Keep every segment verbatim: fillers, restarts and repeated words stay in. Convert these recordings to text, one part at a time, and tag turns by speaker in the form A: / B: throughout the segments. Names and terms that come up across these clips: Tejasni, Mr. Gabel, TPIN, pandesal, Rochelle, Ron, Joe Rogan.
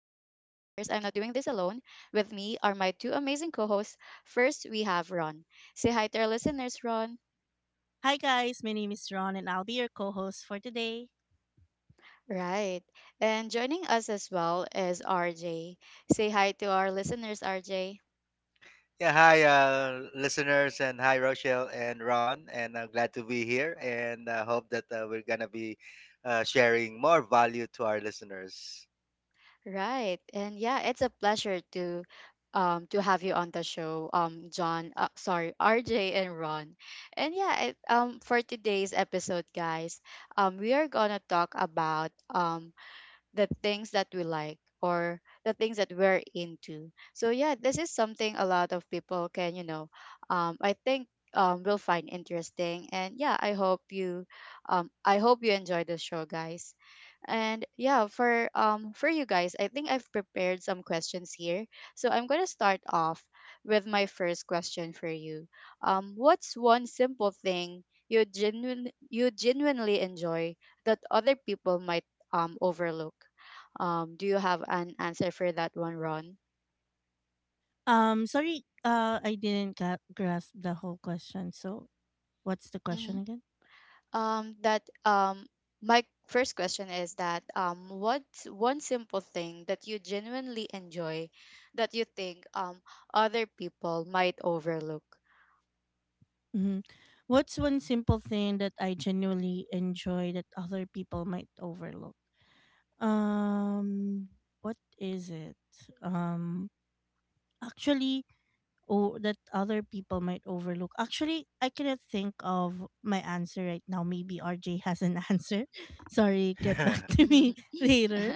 A: doing this alone. With me are my two amazing co hosts. First, we have Ron. Say hi to our listeners, Ron.
B: Hi guys, my name is Ron and I'll be your co-host for today.
A: Right. And joining us as well is R J. Say hi to our listeners, R J.
C: Yeah, hi, uh, listeners, and hi, Rochelle and Ron. And I'm glad to be here, and I hope that uh, we're going to be uh, sharing more value to our listeners.
A: Right. And yeah, it's a pleasure to um to have you on the show, um John, uh, sorry, R J and Ron. And yeah, it, um for today's episode, guys, um we are going to talk about um the things that we like or the things that we're into. So yeah, this is something a lot of people can, you know, um, I think um, will find interesting. And yeah, I hope you, um, I hope you enjoy the show, guys. And yeah, for um for you guys, I think I've prepared some questions here. So I'm gonna start off with my first question for you. Um, what's one simple thing you genuine you genuinely enjoy that other people might um, overlook? Um, do you have an answer for that one, Ron?
B: Um sorry, uh I didn't ga- grasp the whole question. So, what's the
A: Hmm.
B: question again?
A: Um, that um, My first question is that um, what's one simple thing that you genuinely enjoy that you think um, other people might overlook?
B: Mm-hmm. What's one simple thing that I genuinely enjoy that other people might overlook? Um what is it? Um Actually, or that other people might overlook. Actually, I cannot think of my answer right now. Maybe R J has an answer. Sorry, get
C: uh,
B: back to me later.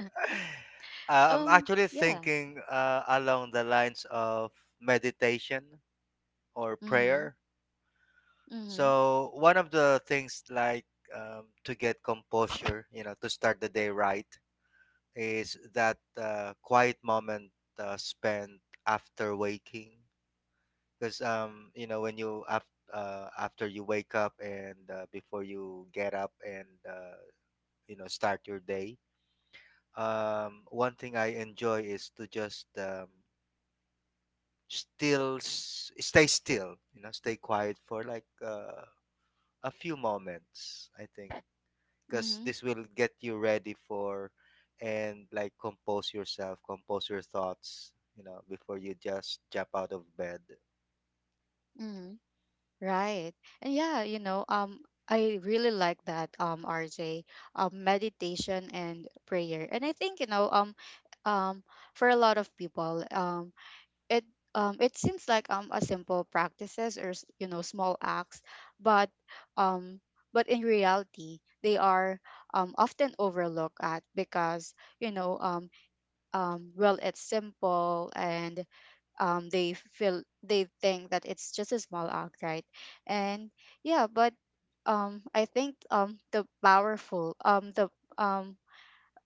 C: I'm
A: um,
C: actually
A: Yeah.
C: thinking uh, along the lines of meditation or
A: Mm-hmm.
C: prayer.
A: Mm-hmm.
C: So, one of the things like um, to get composure, you know, to start the day right, is that uh, quiet moment uh, spent after waking because um you know when you after uh, after you wake up and uh, before you get up and uh, you know start your day. Um one thing I enjoy is to just um still s- stay still, you know, stay quiet for like uh, a few moments, I think, because
A: Mm-hmm.
C: this will get you ready for and like compose yourself, compose your thoughts, you know, before you just jump out of bed.
A: Mm-hmm. Right. And yeah, you know, um I really like that um R J, um meditation and prayer. And I think, you know, um um for a lot of people, um it um it seems like um a simple practices or s- you know, small acts, but um but in reality, they are um, often overlooked at because you know, um, um, well it's simple and um, they feel they think that it's just a small act, right? And yeah, but um, I think um, the powerful um, the um,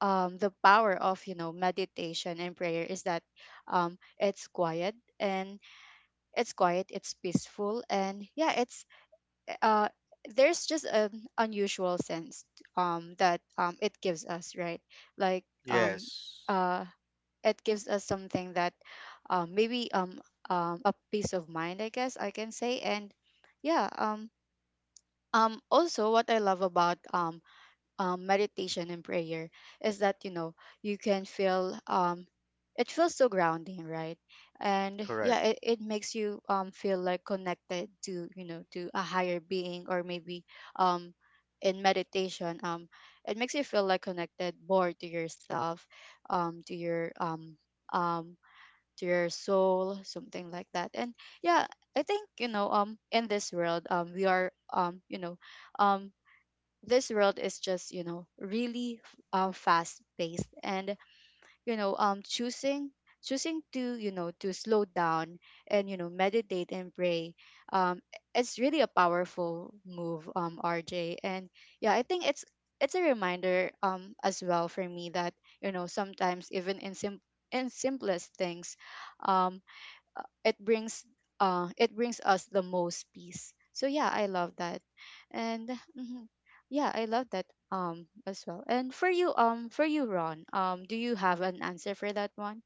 A: um, the power of you know meditation and prayer is that um, it's quiet and it's quiet it's peaceful and yeah it's uh, there's just an unusual sense um, that um, it gives us, right? like um,
C: Yes.
A: uh, it gives us something that um, maybe um, um a peace of mind I guess I can say, and yeah um um also what I love about um, um meditation and prayer is that you know you can feel um it feels so grounding, right? And yeah
C: Correct.
A: it, it makes you um feel like connected to you know to a higher being or maybe um in meditation um it makes you feel like connected more to yourself um to your um um to your soul, something like that, and yeah I think you know um in this world um we are um you know, um this world is just you know really f- uh, fast paced, and you know um choosing choosing to you know to slow down and you know meditate and pray. um it's really a powerful move, um RJ, and yeah I think it's it's a reminder um as well for me that you know sometimes even in sim in simplest things um it brings uh it brings us the most peace, so yeah I love that and mhm, yeah I love that um as well. And for you um for you Ron, um do you have an answer for that one,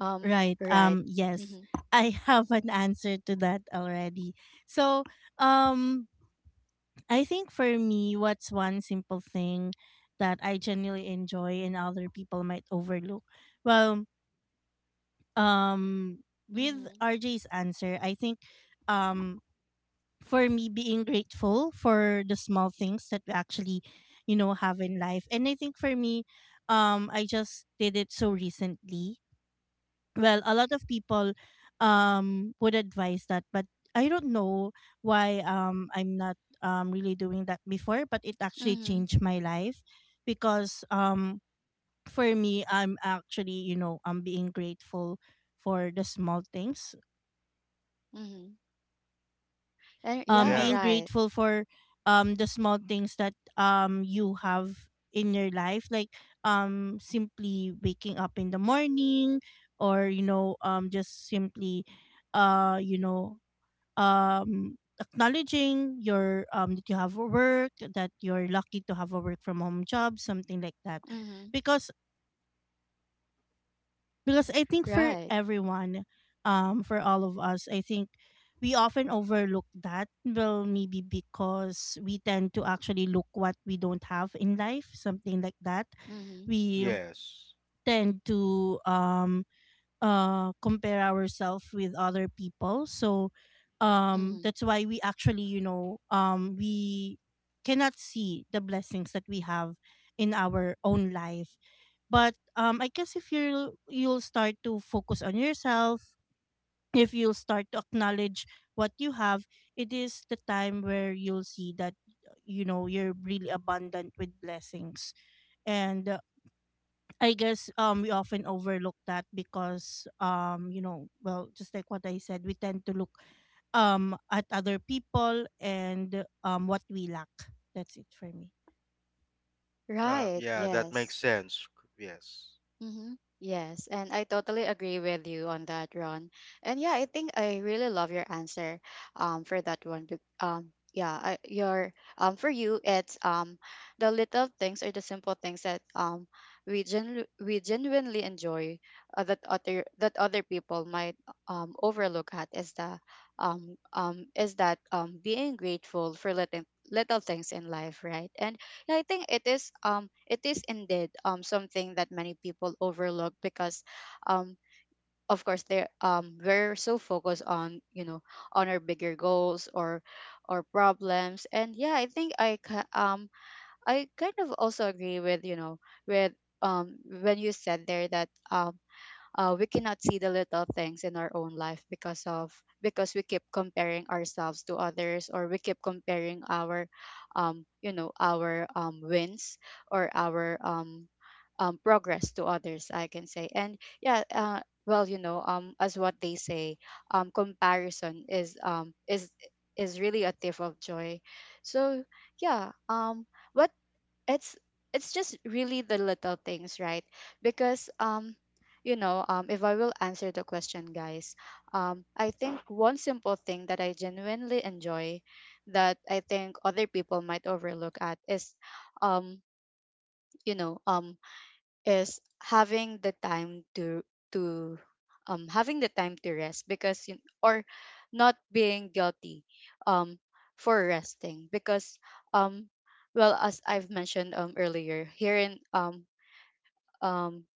A: um
B: Right.
A: right?
B: Um yes.
A: Mm-hmm.
B: I have an answer to that already. So, um I think for me, what's one simple thing that I genuinely enjoy and other people might overlook? Well, um with
A: Mm-hmm.
B: R J's answer, I think, um for me, being grateful for the small things that we actually, you know, have in life. And I think for me, um I just did it so recently. Well, a lot of people um would advise that, but I don't know why um I'm not um really doing that before, but it actually
A: Mm-hmm.
B: changed my life. Because um for me, I'm actually, you know, I'm being grateful for the small things.
A: Hmm. And
B: Um
A: yeah,
C: Yeah.
B: being
A: right.
B: grateful for um the small things that um you have in your life, like um simply waking up in the morning, or you know um just simply uh you know um acknowledging your um that you have a work, that you're lucky to have a work from home job, something like that.
A: Mm-hmm.
B: Because because I think for
A: Right.
B: everyone, um for all of us, I think we often overlook that. Well, maybe because we tend to actually look what we don't have in life, something like that.
A: Mm-hmm.
B: We
C: Yes.
B: tend to um uh compare ourselves with other people. So um
A: Mm-hmm.
B: that's why we actually, you know um we cannot see the blessings that we have in our own life. But um I guess if you you'll start to focus on yourself, if you'll start to acknowledge what you have, it is the time where you'll see that, you know, you're really abundant with blessings. And I guess um we often overlook that because, um you know well, just like what I said, we tend to look um at other people and um what we lack. That's it for me.
C: Uh,
A: Right.
C: yeah, that makes
A: Yes.
C: sense. Yes.
A: Mm-hmm. Yes, and I totally agree with you on that, Ron. And yeah, I think I really love your answer um for that one. Bec- Um yeah, I, your um for you it's um the little things or the simple things that um we genu- we genuinely enjoy, uh, that other that other people might um overlook at, is the um um is that um being grateful for little little things in life, right? And yeah, I think it is um it is indeed um something that many people overlook because um of course they um we're so focused on you know on our bigger goals or or problems. And yeah I think I ca- um I kind of also agree with you know with um when you said there that um uh, we cannot see the little things in our own life because of because we keep comparing ourselves to others, or we keep comparing our um, you know our um, wins or our um, um, progress to others, I can say. And yeah, uh, well you know, um, as what they say, um, comparison is um, is is really a thief of joy. So yeah um what it's it's just really the little things, right? Because um you know um if I will answer the question guys, um I think one simple thing that I genuinely enjoy that I think other people might overlook at is um you know um is having the time to to um having the time to rest because you, or not being guilty um for resting, because um well, as I've mentioned um earlier here in um um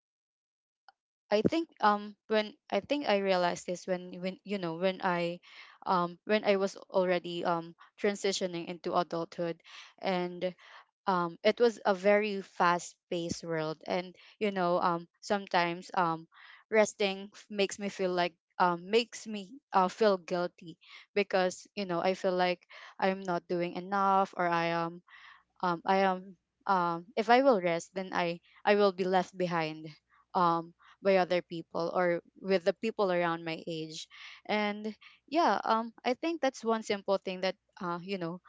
A: I think um when I think I realized this when when you know when I um when I was already um transitioning into adulthood, and um it was a very fast paced world, and you know um sometimes um resting f- makes me feel like um makes me uh, feel guilty, because you know I feel like I'm not doing enough, or I am um I am um if I will rest then I I will be left behind um by other people, or with the people around my age. And yeah, um I think that's one simple thing that uh you know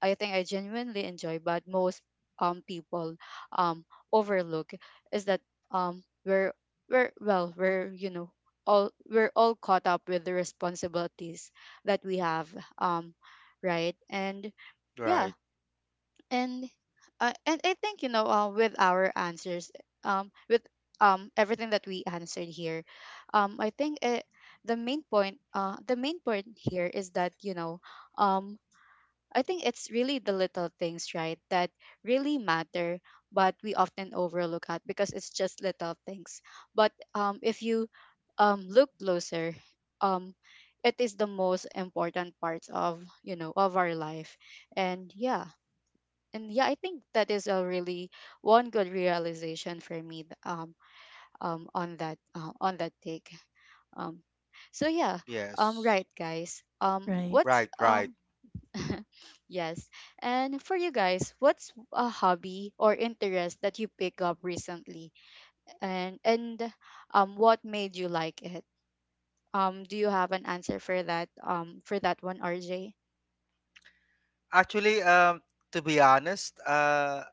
A: I think I genuinely enjoy, but most um people um overlook, is that um we're we're well we're you know all we're all caught up with the responsibilities that we have, um right? And yeah,
C: Right.
A: and uh, and I think you know, uh, with our answers, um with um everything that we answered here, um I think it, the main point, uh the main point here is that you know, um I think it's really the little things, right, that really matter, but we often overlook at because it's just little things. But um, if you um, look closer, um, it is the most important part of you know of our life, and yeah, and yeah, I think that is a really one good realization for me th- um, um, on that uh, on that take. Um, so yeah, um,
C: Yes.
A: right, guys. Um,
B: Right.
A: what's
C: Right, right.
A: um yes. And for you guys, what's a hobby or interest that you pick up recently, and and um, what made you like it? Um, do you have an answer for that? Um, for that one, R J.
C: Actually, um, to be honest, uh,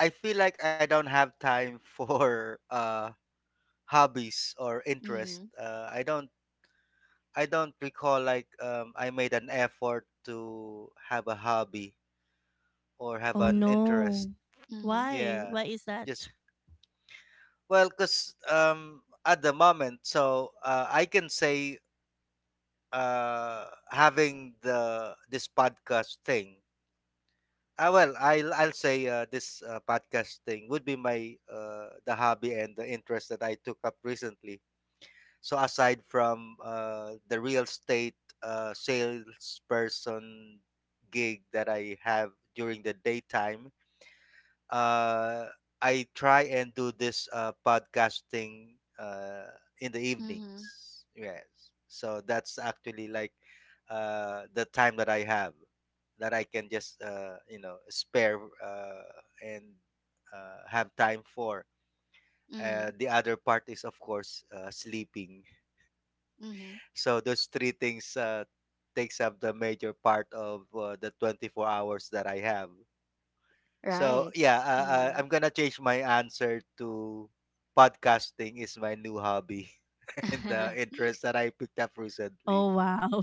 C: I feel like I don't have time for uh hobbies or interest.
A: Mhm.
C: Uh, I don't I don't recall like um I made an effort to have a hobby or have
B: Oh
C: an interest.
B: no.
A: Mhm.
B: Why?
C: Yeah.
B: Why is that?
C: Just well, cause um at the moment, so uh, I can say uh, having the this podcast thing. Uh, well, I'll I'll say uh, this uh, podcast thing would be my uh, the hobby and the interest that I took up recently. So aside from uh, the real estate uh, salesperson gig that I have during the daytime, uh, I try and do this uh, podcasting uh, in the
A: Mhm.
C: evenings. Yes, so that's actually like uh, the time that I have that I can just uh, you know, spare, uh, and uh, have time for. Uh,
A: Mhm.
C: the other part is of course uh, sleeping.
A: Mhm.
C: So those three things uh, takes up the major part of uh, the twenty-four hours that I have. So
A: Right.
C: yeah, uh, uh,
A: Mhm.
C: I'm gonna change my answer to podcasting is my new hobby and the interest that I picked up recently.
B: Oh wow.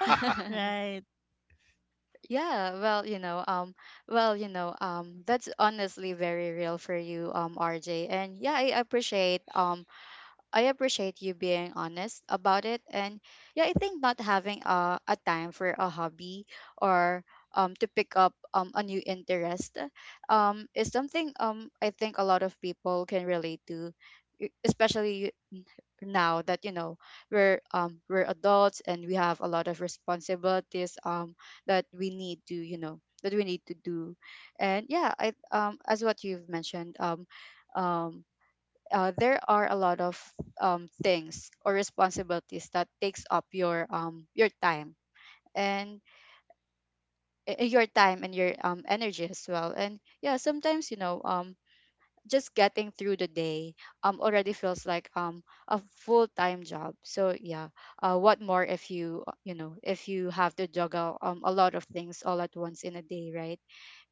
B: Right.
A: yeah. Well, you know. Um. Well, you know. Um. That's honestly very real for you, um, R J. And yeah, I appreciate um I appreciate you being honest about it. And yeah, I think not having a, a time for a hobby or um, to pick up um, a new interest um, is something, um, I think a lot of people can relate to, e- especially now that you know we're um we're adults and we have a lot of responsibilities um that we need to you know that we need to do. And yeah I um as what you've mentioned um um uh, there are a lot of um, things or responsibilities that takes up your um your time, and uh, your time and your um energy as well. And yeah sometimes you know um just getting through the day um already feels like um a full-time job, so yeah uh, what more if you uh, you know if you have to juggle um a lot of things all at once in a day, right?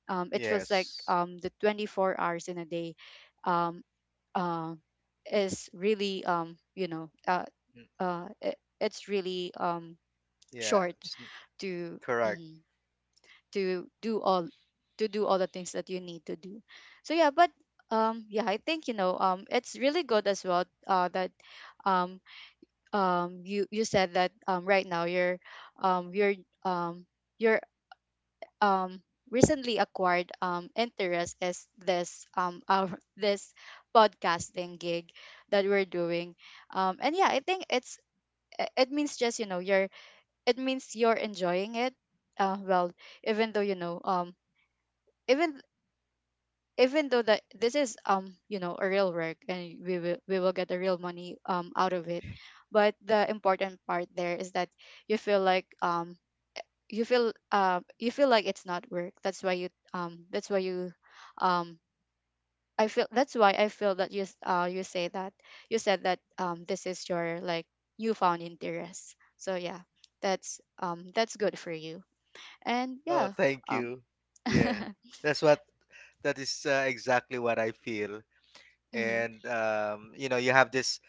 A: um It feels like
C: Yes.
A: um the twenty-four hours in a day um uh, is really um you know, uh,
C: Mm,
A: uh it, it's really um
C: Yeah.
A: short
C: s-
A: to
C: Correct.
A: mhm, to do all to do all the things that you need to do. So yeah, but um yeah I think you know um it's really good as well uh that um um you, you said that um right now you're um you're um you're um recently acquired um interest is this um our this podcasting gig that we're doing. Um and yeah I think it's i- it means just you know you're it means you're enjoying it. Uh well, even though you know um even even though that this is um you know a real work, and we will we will get the real money um out of it. But the important part there is that you feel like um you feel uh you feel like it's not work, that's why you um that's why you um I feel that's why I feel that you s- uh you say that you said that um this is your like newfound interest, so yeah, that's um that's good for you. And
C: Oh,
A: yeah.
C: thank
A: um
C: you. Yeah. That's what. That is uh, exactly what I feel.
A: mhm.
C: And um, you know, you have this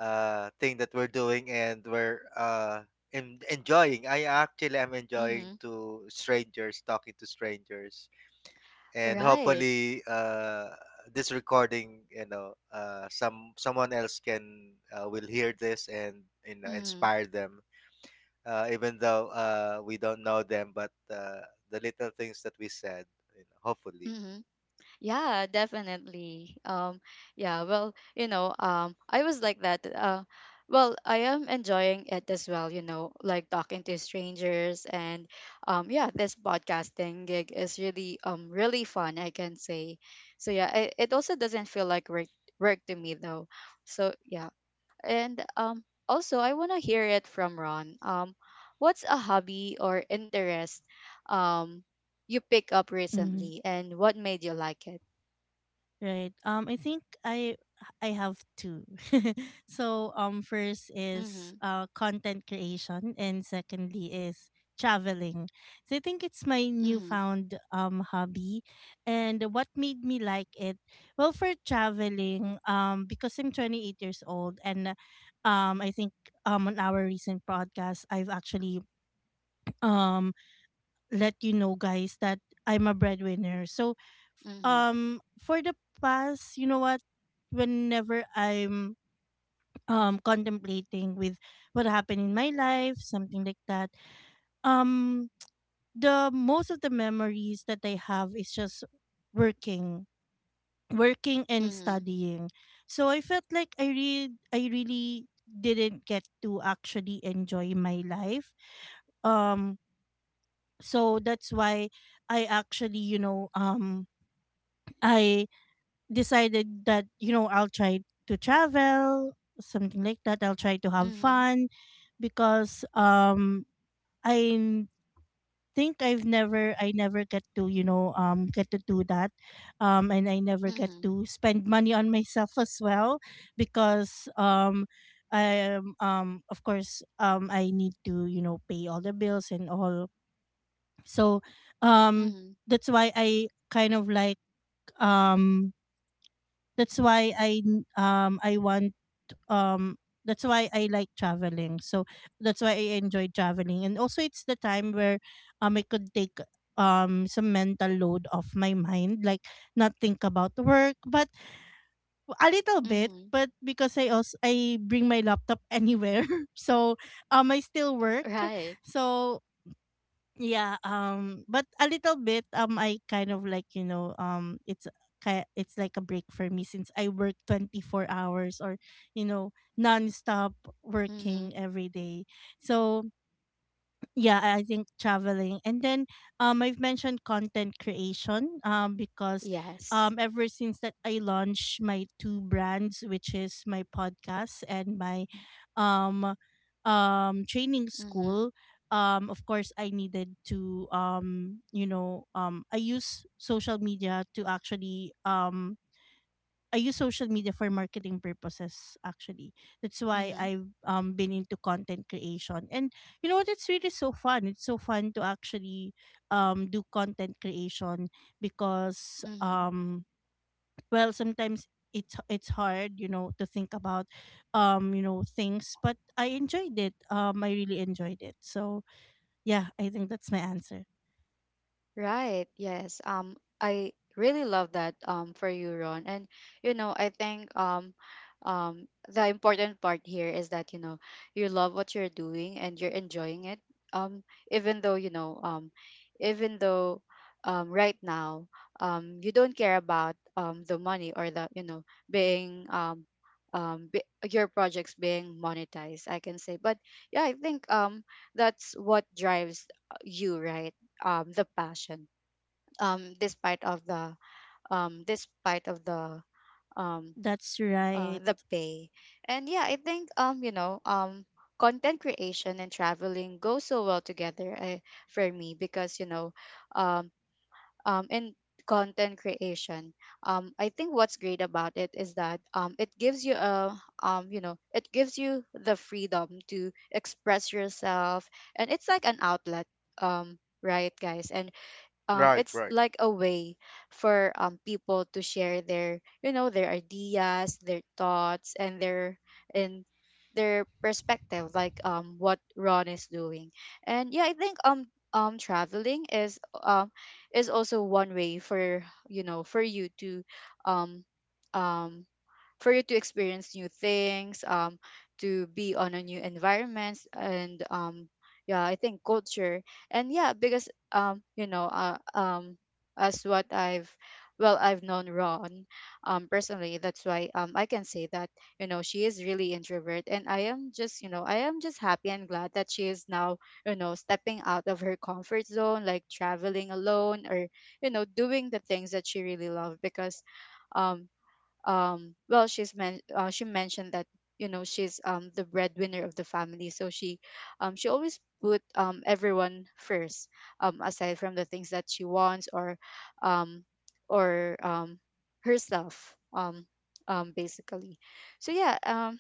C: uh thing that we're doing, and we're uh en- enjoying. I actually am enjoying
A: Mhm.
C: to strangers talking to strangers, and
A: Right.
C: hopefully uh, this recording, you know, uh, some someone else can uh, will hear this and, you know,
A: Mhm.
C: inspire them, uh, even though uh, we don't know them, but uh, the little things that we said, you know, hopefully.
A: Mhm. Yeah, definitely. Um, yeah, well, you know, um, I was like that. Uh, well, I am enjoying it as well, you know, like talking to strangers and, um, yeah, this podcasting gig is really um really fun, I can say. So yeah, it, it also doesn't feel like work work to me though. So yeah, and um, also I want to hear it from Ron. Um, what's a hobby or interest um you pick up recently, and what made you like it?
B: Right. Um, I think I I have two. So, um, first is
A: Mhm.
B: uh content creation, and secondly is traveling. So I think it's my
A: Mhm.
B: newfound um hobby. And what made me like it? Well, for traveling, um, because I'm twenty-eight years old, and um, I think um on our recent podcast, I've actually um let you know guys that I'm a breadwinner. So,
A: Mhm.
B: um for the past, you know what, whenever I'm um contemplating with what happened in my life, something like that. Um the most of the memories that I have is just working, working and
A: Mhm.
B: studying. So I felt like I re- I really didn't get to actually enjoy my life. Um so that's why i actually you know um i decided that, you know, I'll try to travel, something like that. I'll try to have
A: Mhm.
B: fun. Because um i n- think i've never i never get to, you know, um get to do that. Um and I never get
A: Mhm.
B: to spend money on myself as well. Because um I um um, of course, um I need to, you know, pay all the bills and all. So um
A: Mhm.
B: that's why I kind of like, um that's why I n- um I want, um that's why I like traveling. So that's why I enjoy traveling. And also, it's the time where um I could take um some mental load off my mind, like not think about work but a little bit,
A: Mhm.
B: but because I also I bring my laptop anywhere so um I still work.
A: Right.
B: So yeah, um but a little bit, um I kind of like, you know, um it's ki- it's like a break for me since I work twenty-four hours or, you know, non-stop
A: Mhm.
B: working every day. So yeah, I think traveling. And then um I've mentioned content creation, um because
A: Yes.
B: um ever since that I launched my two brands, which is my podcast and my um um training
A: Mhm.
B: school, um of course I needed to, um you know um I use social media to actually, um I use social media for marketing purposes actually. That's why
A: Mhm.
B: I've um been into content creation. And you know what, it's really so fun. It's so fun to actually um do content creation because,
A: Mhm.
B: um well, sometimes it's it's hard, you know, to think about, um, you know, things. But I enjoyed it. Um I really enjoyed it. So yeah, I think that's my answer.
A: Right. Yes. Um, I really love that um for you, Ron. And you know, I think um um the important part here is that, you know, you love what you're doing and you're enjoying it. Um, Even though, you know, um even though um right now, um you don't care about um the money or the, you know, being um um be, your projects being monetized, I can say. But yeah, I think um that's what drives, uh, you, right? Um, the passion, um, despite of the um, despite of
B: That's
A: the
B: right.
A: um, uh, the pay and yeah, I think um you know, um content creation and traveling go so well together, uh, for me, because you know, um, um in content creation, um I think what's great about it is that um it gives you a, um you know it gives you the freedom to express yourself. And it's like an outlet, um right guys? And um
C: Right,
A: it's
C: right.
A: like a way for um people to share their you know their ideas, their thoughts and their and their perspective, like um what Ron is doing. And yeah, I think um um traveling is, um is also one way for, you know, for you to, um um for you to experience new things, um, to be on a new environment, and um, yeah, I think culture. And yeah, because um, you know, uh, um, as what I've, well I've known Ron um personally, that's why um I can say that, you know, she is really introvert. And I am just, you know, I am just happy and glad that she is now, you know, stepping out of her comfort zone, like traveling alone, or you know, doing the things that she really loved. Because um um well, she's men- uh, she mentioned that, you know, she's um the breadwinner of the family, so she, um she always put um everyone first, um aside from the things that she wants, or, um or um herself, um um basically. So yeah, um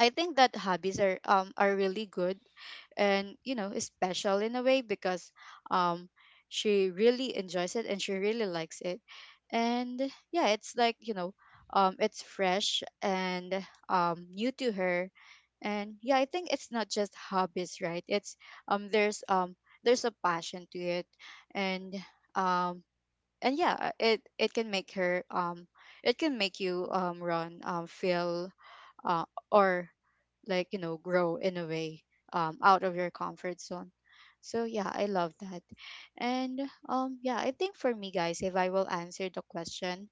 A: I think that hobbies are, um are really good, and you know, special in a way, because um she really enjoys it and she really likes it. And yeah, it's like, you know, um it's fresh and um new to her. And yeah, I think it's not just hobbies, right? It's, um there's um there's a passion to it. And um and yeah, it it can make her, um it can make you, um run, um feel, uh or like, you know, grow in a way, um, out of your comfort zone. So yeah, I love that. And um yeah, I think for me, guys, if I will answer the question,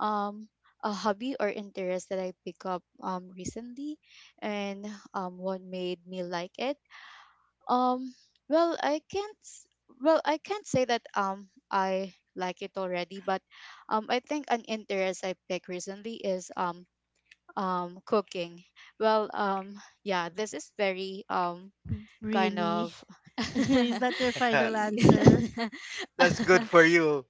A: um a hobby or interest that I pick up um recently, and um what made me like it, um well, i can't s- well I can't say that um I like it already. But um I think an interest I picked recently is, um um cooking. Well, um yeah, this is very, um kind
B: Really.
A: of,
B: Is that your final
A: y-
B: answer?
C: That's good for you.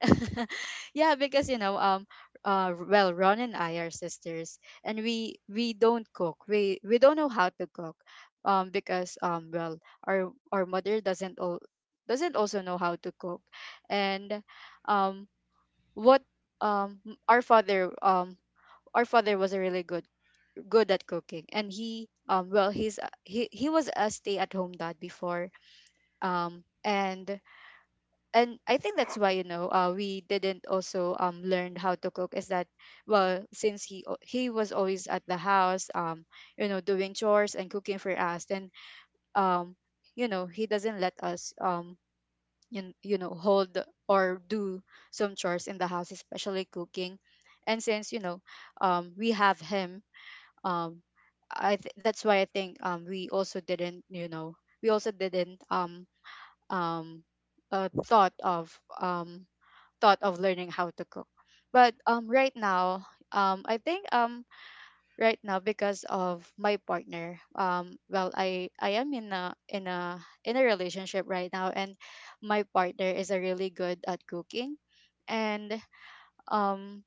A: yeah, because you know, um uh well, Ron and I are sisters, and we we don't cook, we we don't know how to cook. Um because, um well, our our mother doesn't al- doesn't also know how to cook. And um what um m- our father um our father was a really good good at cooking. And he, um well, he's a- he he was a stay-at-home dad before. um and and I think that's why, you know, uh, we didn't also um learn how to cook, is that, well, since he o- he was always at the house, um you know, doing chores and cooking for us. Then, um you know, he doesn't let us, um you, you know hold or do some chores in the house, especially cooking. And since you know, um we have him, um i th- that's why I think, um we also didn't you know we also didn't, um um uh, thought of um thought of learning how to cook. But um right now, um I think, um right now because of my partner, um well, i i am in a, in a in a relationship right now. And my partner is a really good at cooking. And um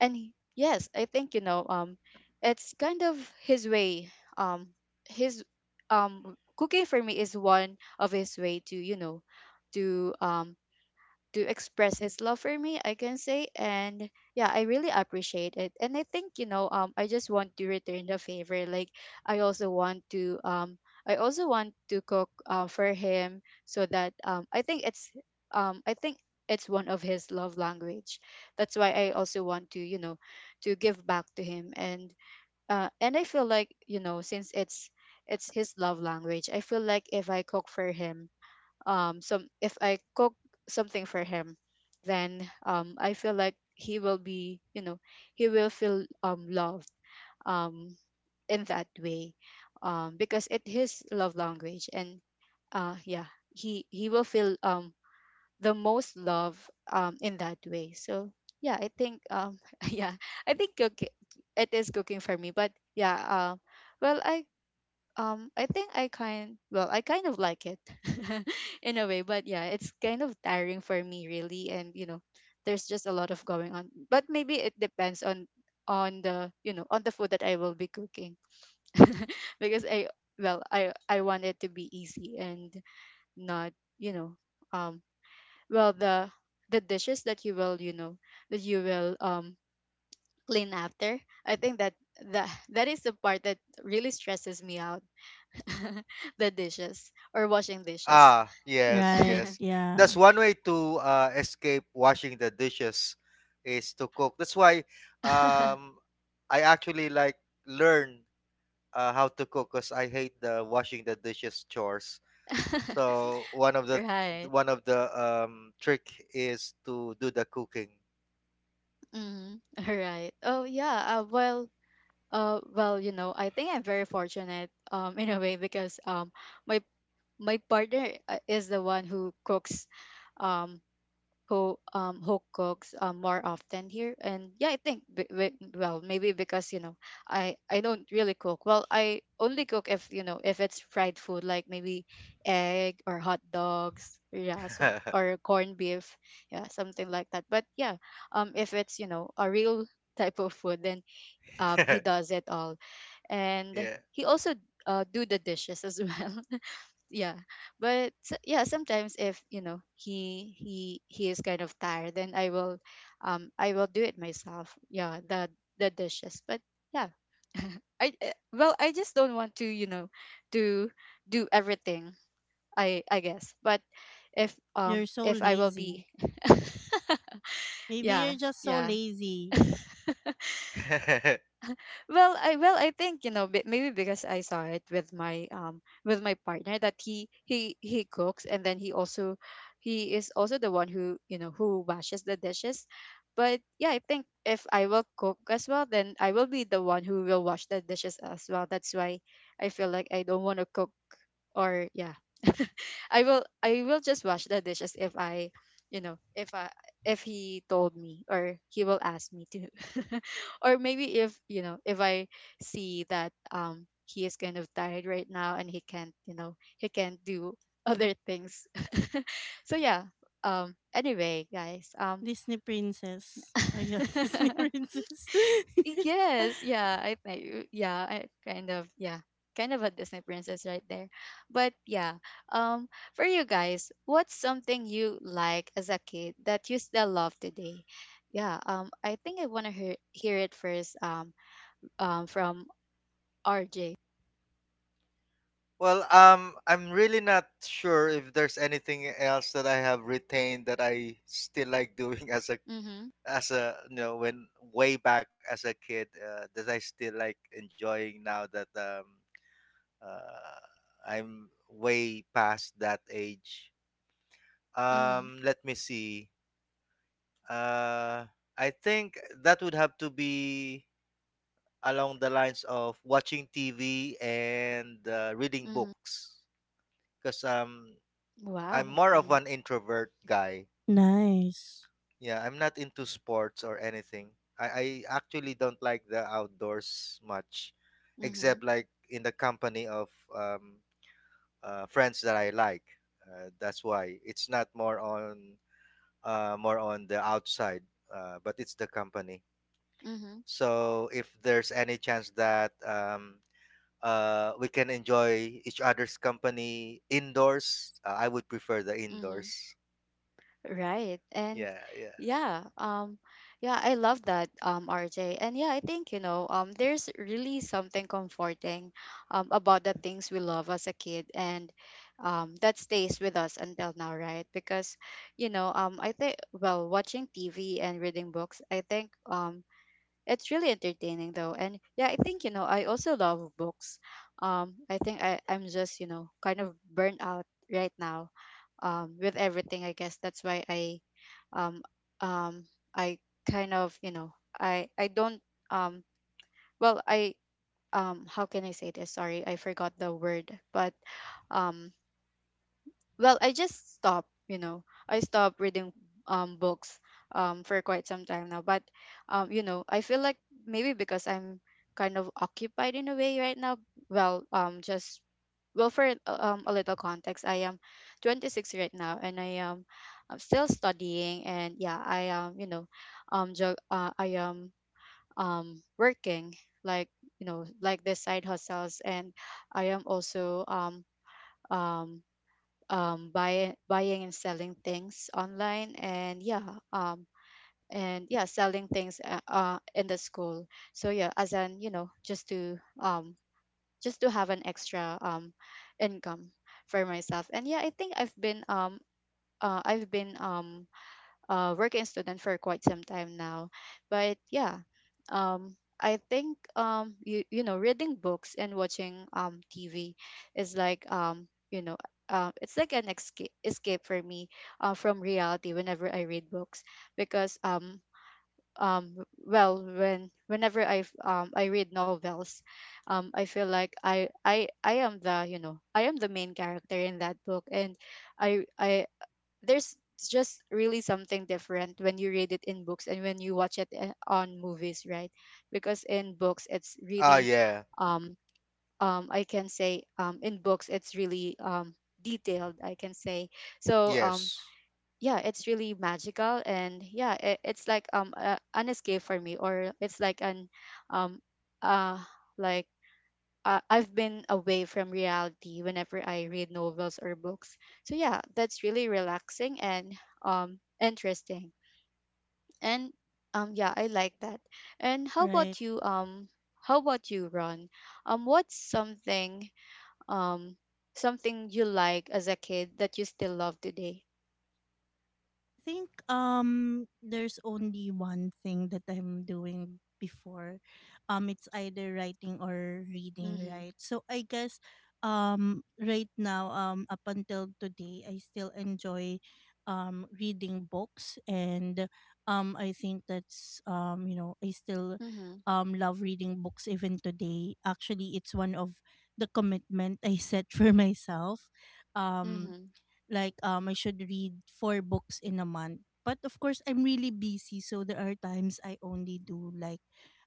A: and he- yes, I think, you know, um it's kind of his way, um his um cooking for me is one of his way to, you know, to, um to express his love for me, I can say. And yeah, I really appreciate it. And I think, you know, um I just want to return the favor, like, i also want to um I also want to cook, uh, for him. So that, um I think it's, um I think it's one of his love language. That's why I also want to, you know, to give back to him. And uh and I feel like, you know, since it's it's his love language, I feel like if I cook for him, um some if I cook something for him, then um I feel like he will be, you know, he will feel um loved, um in that way. Um because it is love language. And uh yeah, he he will feel um the most love, um in that way. So yeah, I think um yeah, I think cook it is cooking for me. But yeah, um well, i um, I think, I kind well, I kind of like it in a way, but yeah, it's kind of tiring for me really. And you know, there's just a lot of going on. But maybe it depends on on the you know on the food that I will be cooking, because I well I I want it to be easy and not, you know, um well the the dishes that you will, you know, that you will um clean after. I think that, that that is the part that really stresses me out. The dishes, or washing dishes.
C: Ah, yes,
B: Right.
C: yes,
B: Yeah.
C: that's one way to uh, escape washing the dishes is to cook. That's why, um, I actually like learn uh, how to cook because I hate the washing the dishes chores. So one of the
A: right.
C: one of the um trick is to do the cooking.
A: Mm. Right. Oh yeah. Uh, well. Uh, well, you know, I think I'm very fortunate. Um, in a way, because um, my my partner, uh, is the one who cooks. Um, who um who cooks, um, more often here. And yeah, I think, b- b- well, maybe because you know, i i don't really cook well, I only cook if, you know, if it's fried food, like maybe egg or hot dogs. Yeah, some or corned beef. Yeah, something like that. But yeah, um if it's, you know, a real type of food, then um he does it all. And
C: Yeah.
A: he also, uh, do the dishes as well. Yeah. But s- yeah, sometimes if you know he he he is kind of tired, then i will um I will do it myself. Yeah, the the dishes. But yeah, i uh, well I just don't want to, you know, to do everything, i i guess. But if, um
B: You're so
A: if I will
B: lazy.
A: be,
B: Maybe
A: yeah.
B: you're just so
A: Yeah.
B: lazy.
A: Well, I well I think, you know, bi- maybe because I saw it with my, um with my partner, that he he he cooks, and then he also, he is also the one who, you know, who washes the dishes. But yeah, I think if I will cook as well, then I will be the one who will wash the dishes as well. That's why I feel like I don't want to cook, or, yeah. I will I will just wash the dishes if I, you know, if I if he told me or he will ask me to. Or maybe if you know, if I see that, um he is kind of tired right now, and he can't you know he can't do other things. So yeah, um anyway guys, um
B: Disney princess. Are you a Disney princess?
A: yes, yeah, I think, yeah, I kind of, yeah, kind of a Disney princess right there. But yeah, um for you guys, what's something you like as a kid that you still love today? Yeah, um I think I want to hear, hear it first, um um, from R J.
C: Well, um, I'm really not sure if there's anything else that I have retained that I still like doing as a
A: Mhm.
C: as a you know, when way back as a kid, uh, that I still like enjoying now that um uh, I'm way past that age.
A: Mhm.
C: Um, let me see. Uh, I think that would have to be along the lines of watching T V and uh, reading
A: Mhm.
C: books, because um, I'm
A: Wow.
C: more of
A: Mhm.
C: an introvert guy.
B: Nice.
C: Yeah, I'm not into sports or anything. I, I actually don't like the outdoors much,
A: Mhm.
C: except like in the company of um, uh, friends that I like. Uh, that's why it's not more on uh, more on the outside, uh, but it's the company.
A: Mhm.
C: So if there's any chance that um, uh, we can enjoy each other's company indoors, uh, I would prefer the
A: Mhm.
C: indoors.
A: Right. And
C: Yeah, yeah.
A: yeah, um yeah, I love that, um R J. And yeah, I think you know, um there's really something comforting um about the things we love as a kid, and um that stays with us until now, right? Because you know, um I think well, watching T V and reading books, I think um it's really entertaining though. And yeah, I think, you know, I also love books. Um, I think I, I'm just, you know, kind of burnt out right now um, with everything, I guess. That's why I um, um, I kind of, you know, I, I don't, um, well, I, um, how can I say this? Sorry, I forgot the word. But um, well I just stopped you know I stopped reading um books um for quite some time now, but um you know, I feel like maybe because I'm kind of occupied in a way right now. Well um just well For uh, um, a little context, I am twenty-six right now, and i am I'm still studying. And yeah, I am, you know um jo- uh, I am um working, like, you know, like the side hustles. And I am also um um um, buy, buying and selling things online, and yeah, um, and yeah, selling things uh, uh, in the school. So yeah, as an you know just to um, just to have an extra um, income for myself. And yeah, I think I've been um, uh, I've been um, uh, working student for quite some time now. But yeah, um, I think um, you you know, reading books and watching um, T V is like, um, you know uh, it's like an escape escape for me uh, from reality whenever I read books. Because um um well when whenever I f- um I read novels, um I feel like I I I am the, you know I am the main character in that book. And I I there's just really something different when you read it in books and when you watch it uh, on movies, right? Because in books, it's
C: Ah,
A: really
C: yeah.
A: um um I can say, um in books, it's really um detailed, I can say. So um
C: Yes.
A: yeah, it's really magical. And yeah, it, it's like um a, an escape for me, or it's like an um uh like uh, I've been away from reality whenever I read novels or books. So yeah, that's really relaxing and um interesting. And um yeah, I like that. And how
B: Right.
A: about you, um how about you, Ron? Um what's something um something you like as a kid that you still love today?
B: think um there's only one thing that I'm doing before. Um it's either writing or reading,
A: Mhm.
B: right? So I guess um right now um up until today I still enjoy um reading books. And um I think that's, um you know, I still
A: Mhm.
B: um love reading books even today. Actually, it's one of the commitment I set for myself. Um
A: Mhm.
B: like um I should read four books in a month. But of course, I'm really busy, so there are times I only do like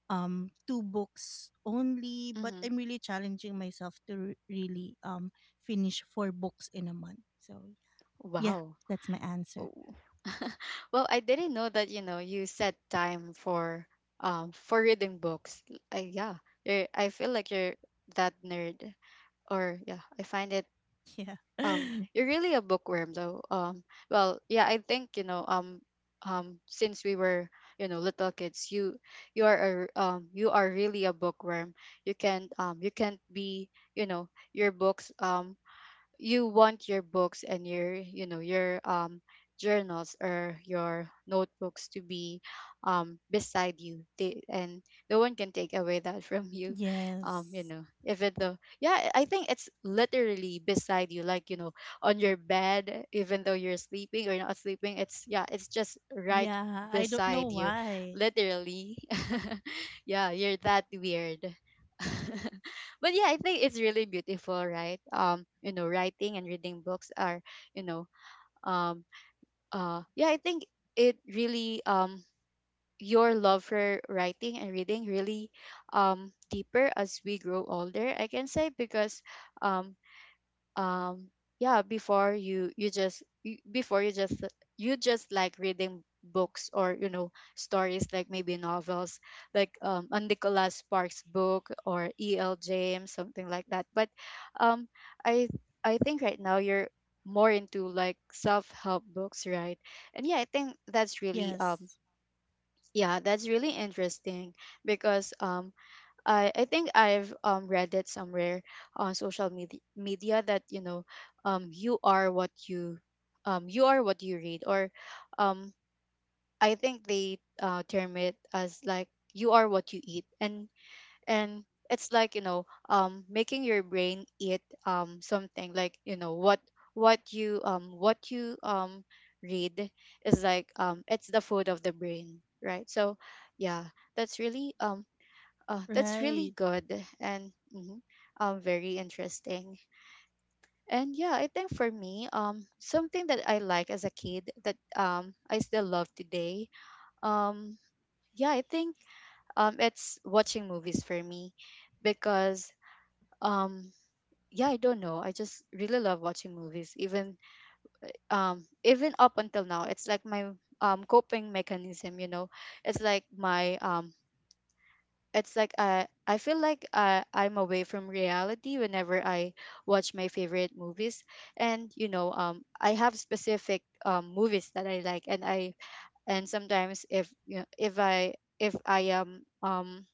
B: um two books only, but
A: Mhm.
B: I'm really challenging myself to re- really um finish four books in a month. So yeah,
A: Wow.
B: that's my answer.
A: Oh. Well, I didn't know that, you know, you set time for um for reading books. I, yeah. You're, I feel like you're that nerd, or yeah, I find it
B: Yeah.
A: um you're really a bookworm though. Um well, yeah, I think, you know, um um since we were, you know, little kids, you you are a, um you are really a bookworm. You can um you can't be, you know, your books um you want your books and your you know your um journals or your notebooks to be um beside you they, and no one can take away that from you. um
B: Yes.
A: you know if it though yeah I I think it's literally beside you, like, you know, on your bed, even though you're sleeping or not sleeping, it's, yeah, it's just right
B: Yeah, I don't know
A: beside you,
B: why.
A: literally. Yeah, you're that weird. But yeah, I think it's really beautiful, right? Um, you know, writing and reading books are, you know, um, uh, yeah, I think it really um your love for writing and reading really um deeper as we grow older, I can say. Because um um yeah, before you you just you- before, you just, you just like reading books, or, you know, stories like maybe novels, like um a Nicholas Sparks book or E L. James, something like that. But um I I think right now you're more into like self-help books, right? And yeah, I think that's really
B: Yes.
A: um yeah, that's really interesting. Because um I I think I've um read it somewhere on social media media that, you know, um you are what you um you are what you read. Or um I think they uh term it as like you are what you eat. And and it's like, you know, um making your brain eat um something, like, you know, what what you um what you um read is like um it's the food of the brain, right? So yeah, that's really um oh, that's really
B: Right.
A: good. And mhm, um, very interesting. And yeah, I think for me, um, something that I like as a kid that um I still love today, um, yeah, I think um it's watching movies for me. Because um yeah, I don't know, I just really love watching movies, even um even up until now. It's like my um coping mechanism, you know. It's like my um it's like uh, I feel like uh, I'm away from reality whenever I watch my favorite movies. And you know, um, I have specific um, movies that I like. And I and sometimes, if you know, if I if I am um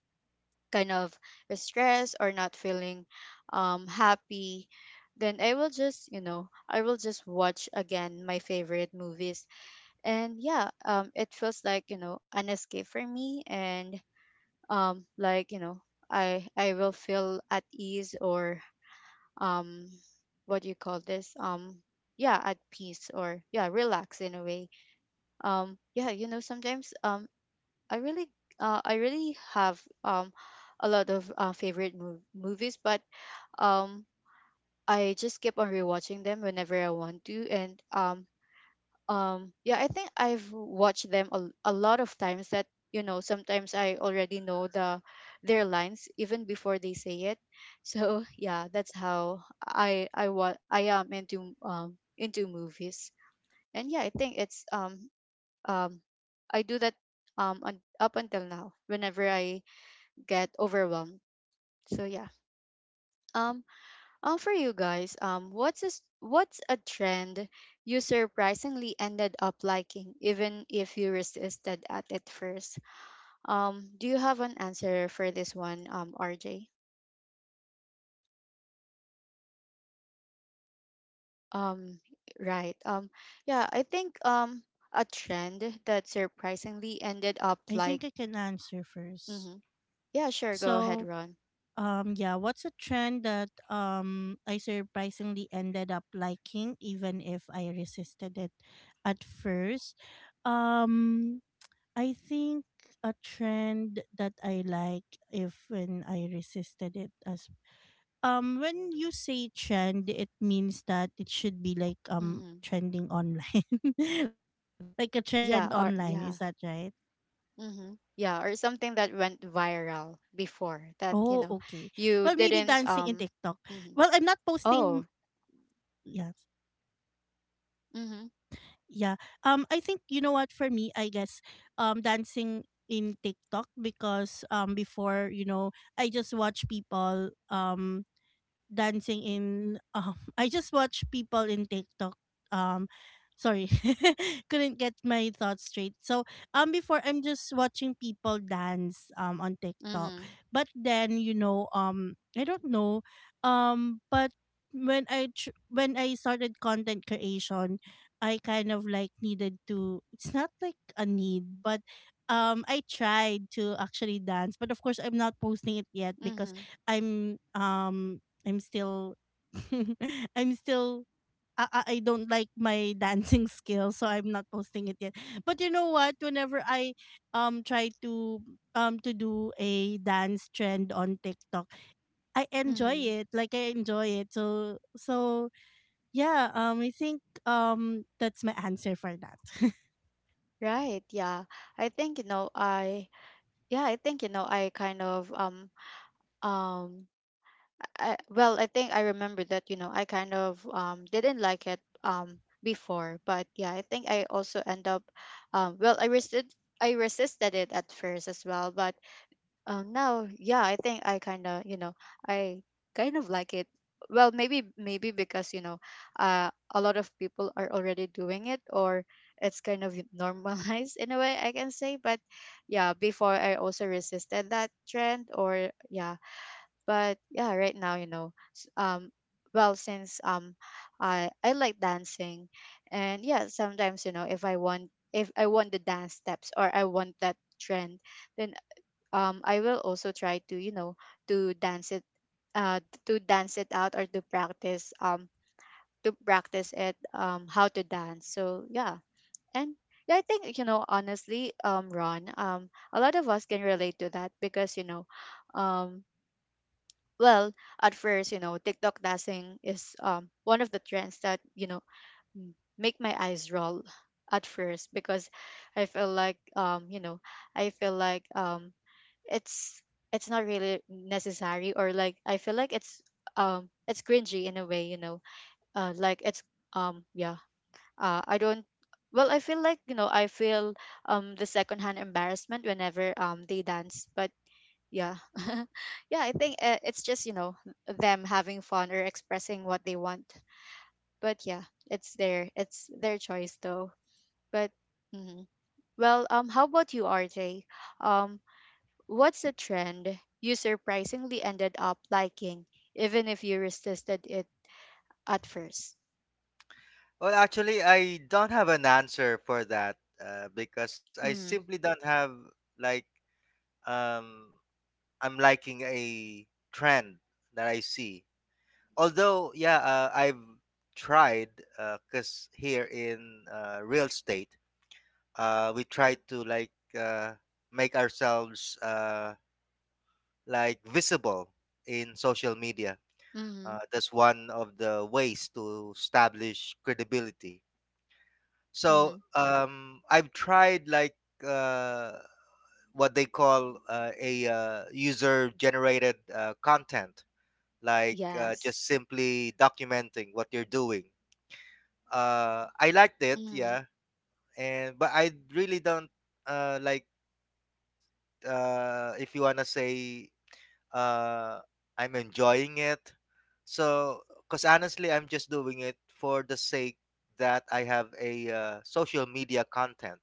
A: kind of stressed or not feeling um happy, then I will just, you know, I will just watch again my favorite movies. And yeah, um, it feels like, you know, an escape for me. And um like, you know, I I will feel at ease, or um what do you call this, um yeah, at peace or yeah, relax in a way. Um yeah, you know, sometimes um I really uh I really have um a lot of uh, favorite mov- movies. But um I just keep on rewatching them whenever I want to. And um um yeah, I think I've watched them a, a lot of times, that, you know, sometimes I already know the their lines even before they say it. So yeah, that's how I I what I am into, um into movies. And yeah, I think it's um um I do that um un- up until now, whenever I get overwhelmed. So yeah, um um, for you guys, um, what's a, s- what's a trend you surprisingly ended up liking, even if you resisted at it first? Um, do you have an answer for this one, um, R J? Um, right. Um, yeah, I think um a trend that surprisingly ended up
B: I
A: like,
B: think I can answer first.
A: mm-hmm. Yeah, sure, go ahead,
B: So,
A: Ron.
B: Um yeah, what's a trend that um I surprisingly ended up liking even if I resisted it at first? Um I think a trend that I like, if when I resisted it, as um when you say trend, it means that it should be like um
A: Mm-hmm.
B: trending online, like a trend online, is
A: Yeah,
B: that
A: or
B: right?
A: yeah. Mm-hmm.
B: Oh
A: Yeah, or
B: okay,
A: something that
B: well
A: went
B: maybe dancing
A: viral
B: in TikTok.
A: before, that, you
B: Well,
A: know,
B: I'm not
A: you
B: posting.
A: didn't um. Mhm.
B: Yeah.
A: Oh.
B: Yeah.
A: Mhm.
B: Um I think, you know what, for me I guess um dancing in TikTok, because um before, you know, I just watch people um dancing in, um I just watch people in TikTok, um sorry, couldn't get my thoughts straight. So um before, I'm just watching people dance um on TikTok.
A: Mhm.
B: But then, you know, um I don't know, um but when I tr- when I started content creation, I kind of like needed to, it's not like a need, but um I tried to actually dance. But of course I'm not posting it yet because
A: Mhm.
B: I'm um I'm still, I'm still, I, I I don't like my dancing skill, so I'm not posting it yet. But you know what? Whenever I um try to, um to do a dance trend on TikTok, I enjoy
A: Mhm.
B: it. Like, I enjoy it. So so, yeah, um I think um that's my answer for that.
A: Right. Yeah. I think you know I yeah, I think you know, I kind of um um I, well, I think I remember that, you know, I kind of um didn't like it um before. But yeah, I think I also end up um well, I resisted I resisted it at first as well. But Um, now, yeah, I think I kind of, you know, I kind of like it. Well, maybe maybe because, you know, uh, a lot of people are already doing it, or it's kind of normalized in a way, I can say. But yeah, before I also resisted that trend, or yeah, but yeah, right now, you know, s- um, well, since um, I I like dancing. And yeah, sometimes, you know, if I want if I want the dance steps, or I want that trend, then um I will also try to, you know, to dance it, uh to dance it out, or to practice um to practice it, um how to dance. So yeah, and yeah, I think, you know, honestly, um Ron, um a lot of us can relate to that. Because you know, um well at first, you know, TikTok dancing is um one of the trends that, you know m- make my eyes roll at first. Because I feel like um you know, I feel like um it's it's not really necessary, or like I feel like it's um it's cringy in a way, you know. Uh like it's um yeah. Uh I don't well I feel like, you know, I feel um the secondhand embarrassment whenever um they dance. But yeah. Yeah, I think uh, it's just, you know, them having fun or expressing what they want. But yeah, it's their it's their choice though. But mhm. Well, um how about you, R J? Um What's a trend you surprisingly ended up liking, even if you resisted it at first?
C: Well, actually, I don't have an answer for that uh, because I
A: Mm-hmm.
C: simply don't have like um, I'm liking a trend that I see. Although yeah, uh, I've tried because here in uh, real estate uh, we try to like uh, make ourselves uh, like visible in social media, uh,
A: Mm-hmm.
C: that's one of the ways to establish credibility. So
A: Mm-hmm.
C: um, I've tried like uh, what they call uh, a uh, user generated uh, content, like uh,
A: Yes.
C: just simply documenting what you're doing. Uh, I liked it,
A: Mm-hmm.
C: yeah, and but I really don't uh like uh if you wanna say uh I'm enjoying it. So, cause honestly, I'm just doing it for the sake that I have a uh, social media content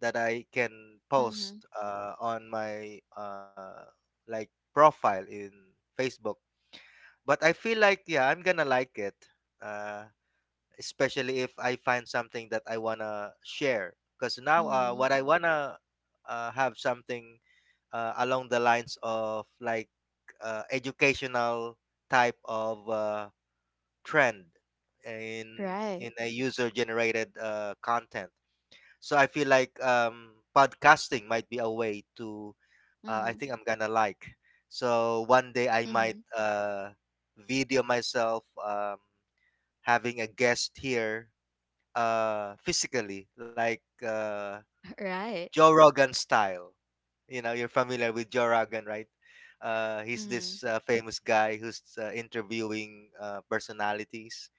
C: that I can
A: Mm-hmm.
C: post uh on my uh like profile in Facebook. But I feel like yeah, I'm gonna like it, uh, especially if I find something that I wanna share. Because now, uh,
A: Mm-hmm.
C: what I wanna uh, have something uh, along the lines of like uh, educational type of uh, trend in
A: Right.
C: in a user generated uh, content. So I feel like um, podcasting might be a way to. Uh, I
A: Mm-hmm.
C: think I'm gonna like. So one day I might
A: Mm-hmm.
C: uh, video myself, um, having a guest here uh, physically, like uh,
A: Right.
C: Joe Rogan style. You know, you're familiar with Joe Rogan, right? Uh, he's
A: Mm-hmm.
C: this uh, famous guy who's uh, interviewing uh, personalities,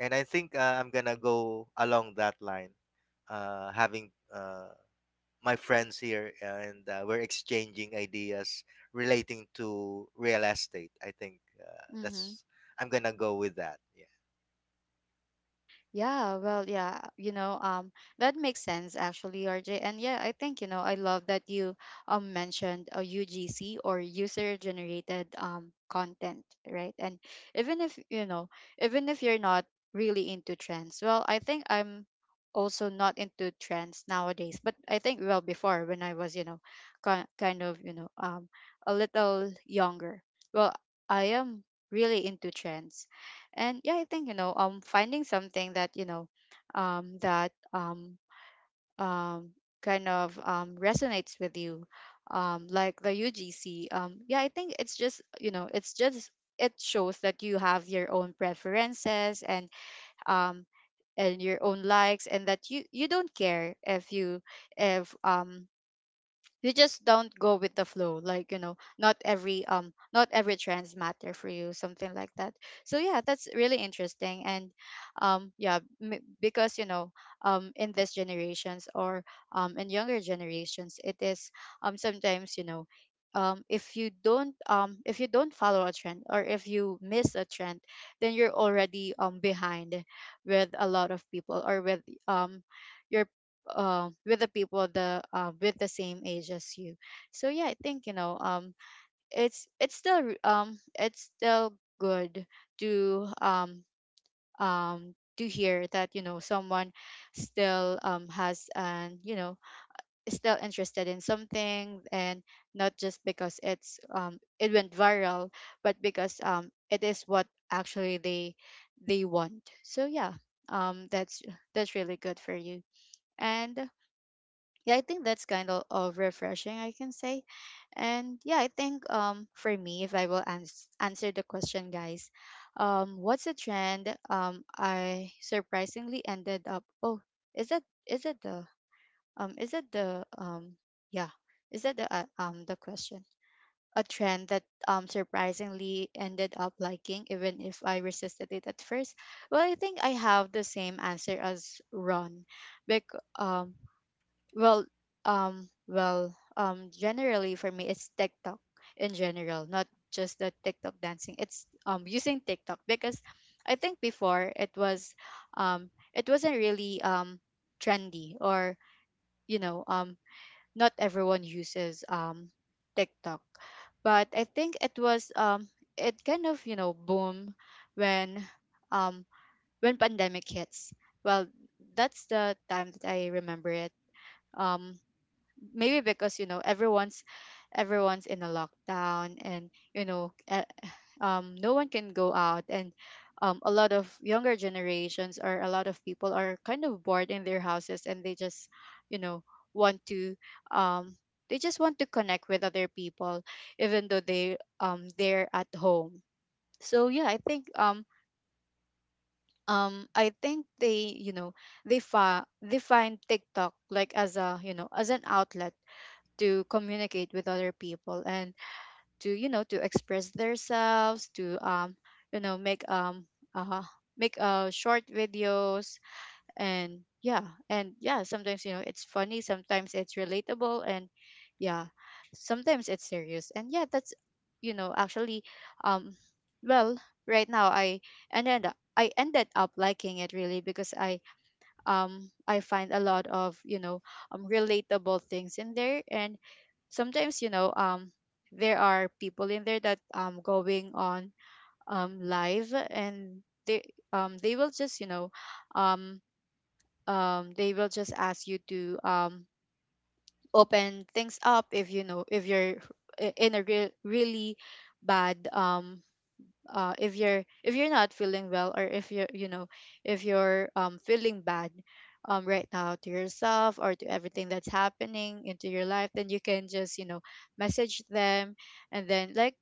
C: and I think uh, I'm gonna go along that line, uh, having uh, my friends here, and uh, we're exchanging ideas relating to real estate. I think uh,
A: Mm-hmm.
C: that's I'm gonna go with that. Yeah.
A: Yeah, well, yeah, you know, um, that makes sense actually, R J. And yeah, I think, you know, I love that you um mentioned a U G C or user generated um content, right? And even if, you know, even if you're not really into trends, well, I think I'm also not into trends nowadays, but I think well before when I was, you know, ki- kind of, you know, um a little younger. Well, I am really into trends and yeah, I think, you know, um finding something that, you know, um that um um kind of um resonates with you, um like the U G C. Um yeah, I think it's just, you know, it's just it shows that you have your own preferences and um and your own likes and that you you don't care if you if um you just don't go with the flow, like, you know, not every um not every trends matter for you, something like that. So yeah, that's really interesting and um yeah, m- because you know, um in these generations or um in younger generations, it is um sometimes, you know, um if you don't um if you don't follow a trend or if you miss a trend, then you're already um behind with a lot of people or with um your um with the people the uh, with the same age as you. So yeah, I think, you know, um it's it's still re- um it's still good to um um to hear that, you know, someone still um has, and, you know, is still interested in something and not just because it's um it went viral, but because um it is what actually they they want. So yeah, um that's that's really good for you. And yeah, I think that's kind of, of refreshing, I can say. And yeah, I think um for me, if I will ans- answer the question, guys, um, what's a trend um I surprisingly ended up? Oh, is that is that the um is that the um yeah is that the uh, um the question? A trend that um surprisingly ended up liking, even if I resisted it at first. Well, I think I have the same answer as Ron, because um well, um, well, um, generally for me, it's TikTok in general, not just the TikTok dancing. It's um using TikTok because I think before it was, um, it wasn't really um trendy or, you know, um not everyone uses um TikTok, but I think it was um it kind of, you know, boom when um when pandemic hits. Well, that's the time that I remember it. Um, Maybe because, you know, everyone's everyone's in a lockdown and, you know, uh, um no one can go out and um a lot of younger generations or a lot of people are kind of bored in their houses and they just, you know, want to um they just want to connect with other people even though they um they're at home. So yeah, I think um um I think they, you know, they fi- they find TikTok like as a, you know, as an outlet to communicate with other people and to, you know, to express themselves, to um you know, make um uh make uh short videos. And yeah, and yeah, sometimes, you know, it's funny, sometimes it's relatable, and yeah, sometimes it's serious. And yeah, that's, you know, actually, um well right now I ended up I ended up liking it really because I um I find a lot of, you know, um relatable things in there, and sometimes, you know, um there are people in there that um going on um live, and they um they will just, you know, um um they will just ask you to um open things up if, you know, if you're i- in a real really bad um uh, if you're if you're not feeling well, or if you're, you know, if you're um, feeling bad um, right now, to yourself or to everything that's happening into your life, then you can just, you know, message them and then like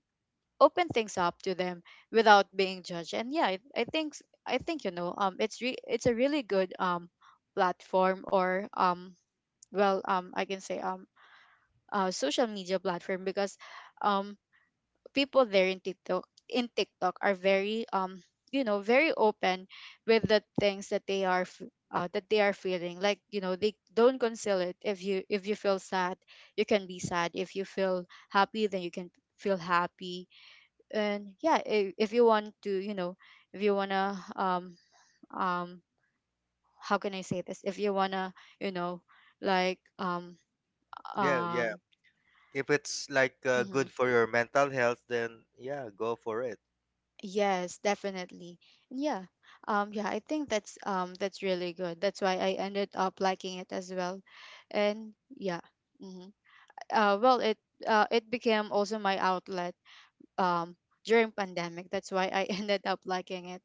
A: open things up to them without being judged. And yeah, i, I think s- I think, you know, um it's re- it's a really good um platform or um well um I can say, um uh, social media platform because um people there in TikTok in TikTok are very um you know, very open with the things that they are f- uh, that they are feeling, like, you know, they don't conceal it. If you if you feel sad, you can be sad. If you feel happy, then you can feel happy. And yeah, if, if you want to, you know, if you want to um um how can I say this, if you want to, you know, like um
C: Yeah, yeah.
A: um
C: If it's like uh,
A: mhm.
C: good for your mental health, then yeah, go for it.
A: Yes, definitely. And yeah. Um yeah, I think that's um that's really good. That's why I ended up liking it as well. And yeah. Hmm. Uh well, it uh it became also my outlet um during pandemic. That's why I ended up liking it.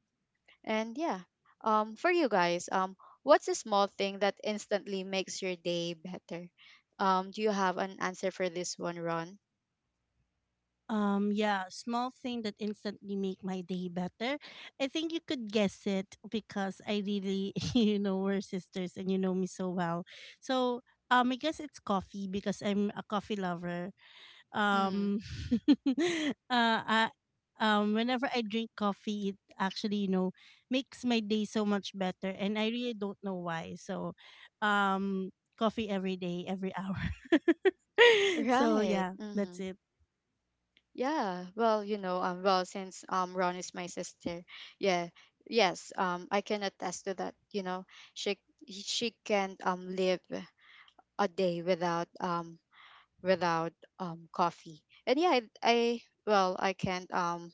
A: And yeah. Um for you guys, um, what's a small thing that instantly makes your day better? Um do you have an answer for this one, Ron?
B: Um, yeah, small thing that instantly make my day better. I think you could guess it because I really, you know, we're sisters and you know me so well. So, um, I guess it's coffee because I'm a coffee lover.
A: Mhm.
B: Um, uh, I, um, whenever I drink coffee, it actually, you know, makes my day so much better, and I really don't know why. So, um, coffee every day, every hour. So
A: Right.
B: yeah, that's
A: Mhm.
B: it.
A: Yeah, well, you know, um, well, since um, Ron is my sister, yeah, yes, um, I can attest to that. You know, she she can't um live a day without um without um coffee. And yeah, I, I well, I can't um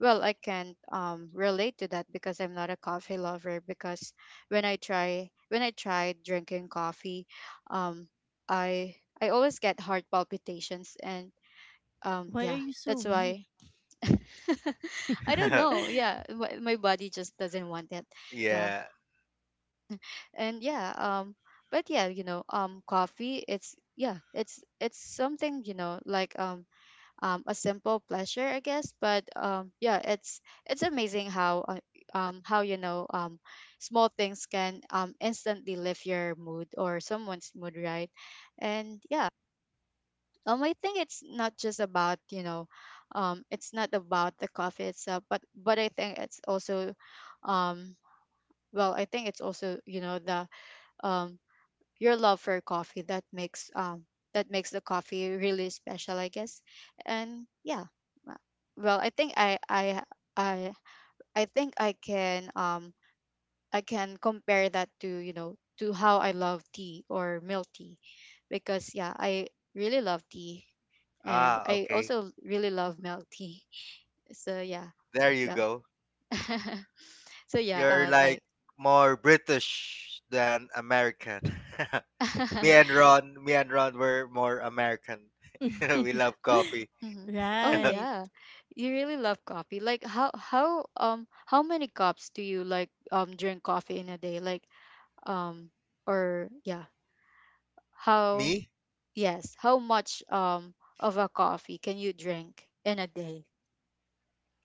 A: well, I can't um relate to that because I'm not a coffee lover. Because when I try when I tried drinking coffee, um, I I always get heart palpitations, and um,
B: Why are
A: yeah,
B: you so
A: that's
B: weak?
A: why. I don't know. Yeah, my my body just doesn't want it. Yeah,
C: Yeah.
A: and yeah. Um, but yeah, you know, um, coffee. It's yeah, it's it's something, you know, like um, um, a simple pleasure, I guess. But um, yeah, it's it's amazing how uh, um how, you know, um small things can um instantly lift your mood or someone's mood, right? And yeah, um, I think it's not just about, you know, um, it's not about the coffee itself, but but I think it's also, um, well, I think it's also, you know, the um your love for coffee that makes um that makes the coffee really special, I guess. And yeah, uh, well, I think I I I I think I can um I can compare that to, you know, to how I love tea or milk tea, because yeah, I really love tea and
C: Ah,
A: I
C: okay.
A: also really love milk tea. So yeah,
C: There you
A: well,
C: go.
A: so yeah,
C: You're
A: uh,
C: like
A: like
C: more British than American. Me and Ron, me and Ron were more American. We love coffee.
A: Mhm. Oh
B: Right.
A: yeah, you really love coffee. Like, how how um how many cups do you like um drink coffee in a day, like um or yeah, how,
C: Me?
A: yes, how much um of a coffee can you drink in a day?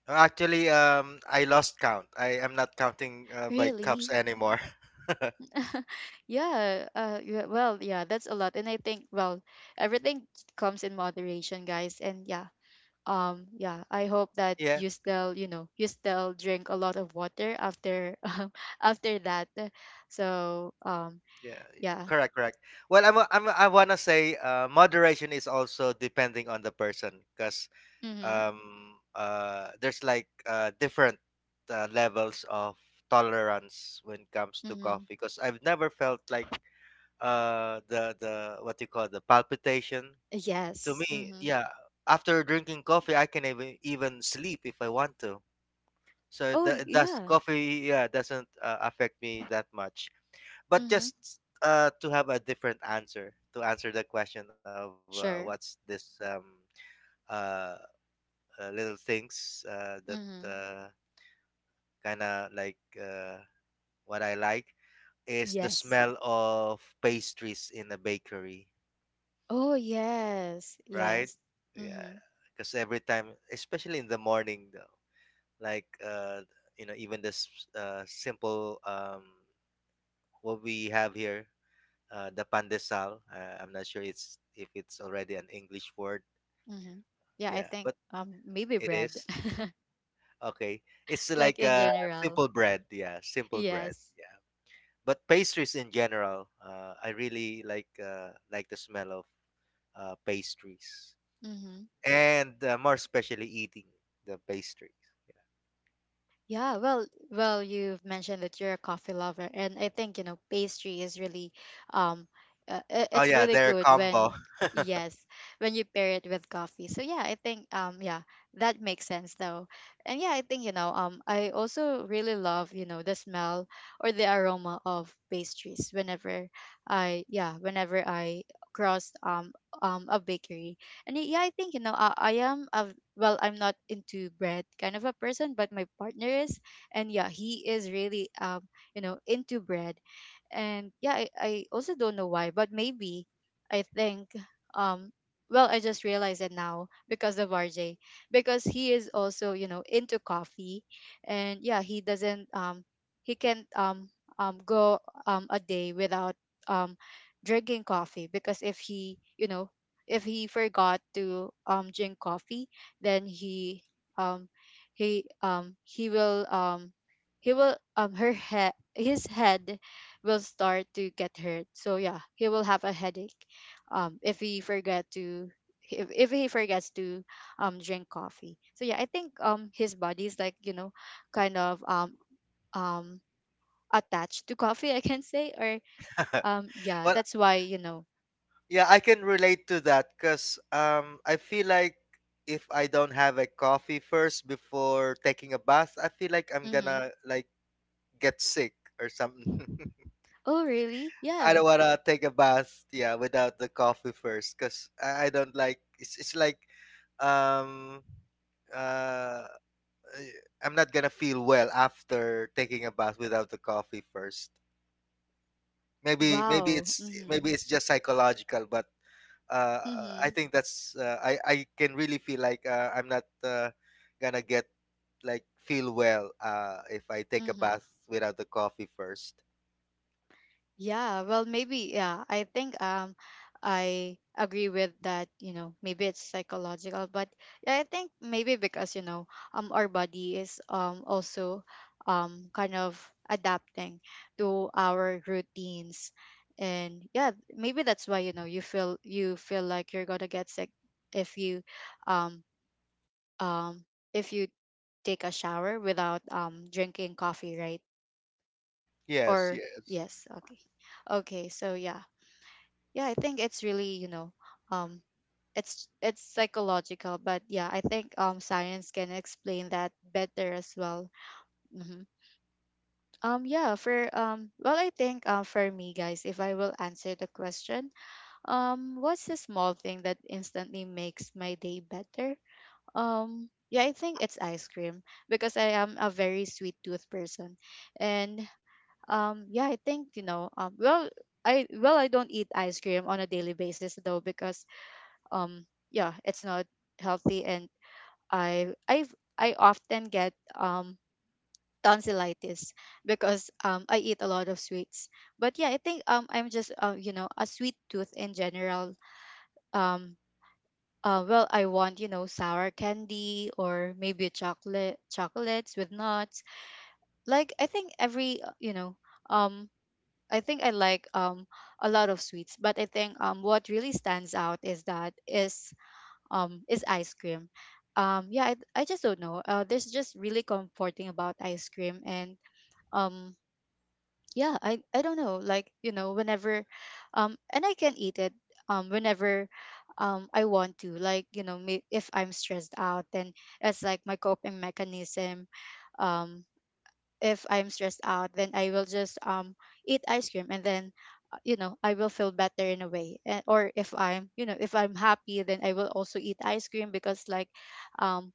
C: Actually, um, I lost count. I am not counting uh, by cups
A: Really?
C: anymore.
A: Yeah. Uh. Yeah. Well. Yeah. That's a lot, and I think well, everything comes in moderation, guys. And yeah. Um. Yeah. I hope that
C: Yeah,
A: you still, you know, you still drink a lot of water after um after that. So um.
C: yeah, yeah.
A: Yeah.
C: Correct, correct. Well, I'm, a- I'm, a- I wanna say, uh, moderation is also depending on the person, because
A: Mhm.
C: um uh there's like uh different uh, levels of tolerance when it comes to
A: Mhm.
C: coffee, because I've never felt like uh the the what you call the palpitation. To
A: Yes.
C: me,
A: Mhm.
C: yeah, after drinking coffee I can even even sleep if I want to, so
A: Oh
C: that does
A: yeah.
C: coffee, yeah, doesn't uh, affect me that much. But
A: Mhm.
C: just uh to have a different answer to answer the question of uh, what's
A: Sure.
C: this um uh uh, little things uh, that
A: Mhm.
C: uh, kind of like uh, what I like is the
A: Yes.
C: smell of pastries in a bakery,
A: Oh yes.
C: right?
A: Yes.
C: Yeah,
A: Mhm.
C: because every time, especially in the morning, though, like uh, you know, even this uh, simple um, what we have here, uh, the pandesal. Uh, I'm not sure it's if it's already an English word.
A: Mhm. Yeah. I
C: Yeah,
A: think
C: but
A: um maybe
C: it
A: bread.
C: is okay. It's
A: Like
C: like
A: in
C: a
A: general.
C: simple bread. Yeah, simple bread.
A: Yes.
C: Yeah. But pastries in general, uh, I really like uh, like the smell of uh, pastries,
A: Hmm.
C: and uh, more especially eating the pastries.
A: Yeah. Well, well, you've mentioned that you're a coffee lover, and I think, you know, pastry is really, um, uh, i-
C: Oh
A: it's
C: yeah,
A: really
C: their
A: good
C: combo.
A: when yes when you pair it with coffee. So yeah, I think um yeah, that makes sense though. And yeah, I think, you know, um I also really love, you know, the smell or the aroma of pastries whenever I yeah whenever I cross um um a bakery. And y- yeah, I think, you know, I, I am a, well, I'm not into bread kind of a person, but my partner is, and yeah, he is really um you know, into bread. And yeah, I, I also don't know why, but maybe I think um well, I just realized it now because of R J, because he is also, you know, into coffee, and yeah, he doesn't um he can't um um go um a day without um drinking coffee, because if he, you know, if he forgot to um drink coffee, then he um he um he will um he will um her head his head will start to get hurt. So yeah, he will have a headache um if he forget to, if, if he forgets to um drink coffee. So yeah, I think um his body is like, you know, kind of um um attached to coffee, I can say, or um yeah,
C: Well,
A: that's why, you know,
C: yeah, I can relate to that because um, I feel like if I don't have a coffee first before taking a bath, I feel like I'm
A: mm-hmm.
C: gonna like get sick or something.
A: Oh really,
C: I
A: yeah.
C: don't want to take a bath, yeah, without the coffee first, cause I, I don't like. It's it's like, um, uh, eh, I'm not gonna feel well after taking a bath without the coffee first. Maybe maybe
A: Wow.
C: it's
A: Mhm.
C: maybe it's just psychological, but uh, I
A: Mhm.
C: think that's uh, I I can really feel like uh, I'm not uh, gonna get like feel well uh, if I take a
A: Mhm.
C: bath without the coffee first.
A: Yeah, well, maybe yeah, I think um I agree with that, you know, maybe it's psychological, but yeah, I think maybe because, you know, um our body is um also um kind of adapting to our routines. And yeah, maybe that's why, you know, you feel you feel like you're going to get sick if you um um if you take a shower without um drinking coffee, right?
C: Yes,
A: Or
C: yes.
A: yes, okay. Okay, so yeah. Yeah, I think it's really, you know, um it's it's psychological, but yeah, I think um science can explain that better as well. hmm Um yeah, for um well I think um for me guys, if I will answer the question, um what's a small thing that instantly makes my day better? Um yeah, I think it's ice cream because I am a very sweet tooth person. And um yeah, I think you know um well i well I don't eat ice cream on a daily basis though because um yeah, it's not healthy, and i i i often get um tonsillitis because um I eat a lot of sweets. But yeah, I think um I'm just uh, you know a sweet tooth in general. um uh, well, I want, you know, sour candy or maybe chocolate chocolates with nuts. Like, I think every uh, you know um I think I like um a lot of sweets, but I think um what really stands out is that is um is ice cream. Um yeah, I, I just don't know. Uh there's just really comforting about ice cream. And um yeah, I I don't know. Like, you know, whenever um and I can eat it um whenever um I want to. Like, you know, may, if I'm stressed out, then it's like my coping mechanism. Um if I'm stressed out, then I will just um eat ice cream and then, uh, you know, I will feel better in a way. And or, if I'm, you know, if I'm happy, then I will also eat ice cream, because like um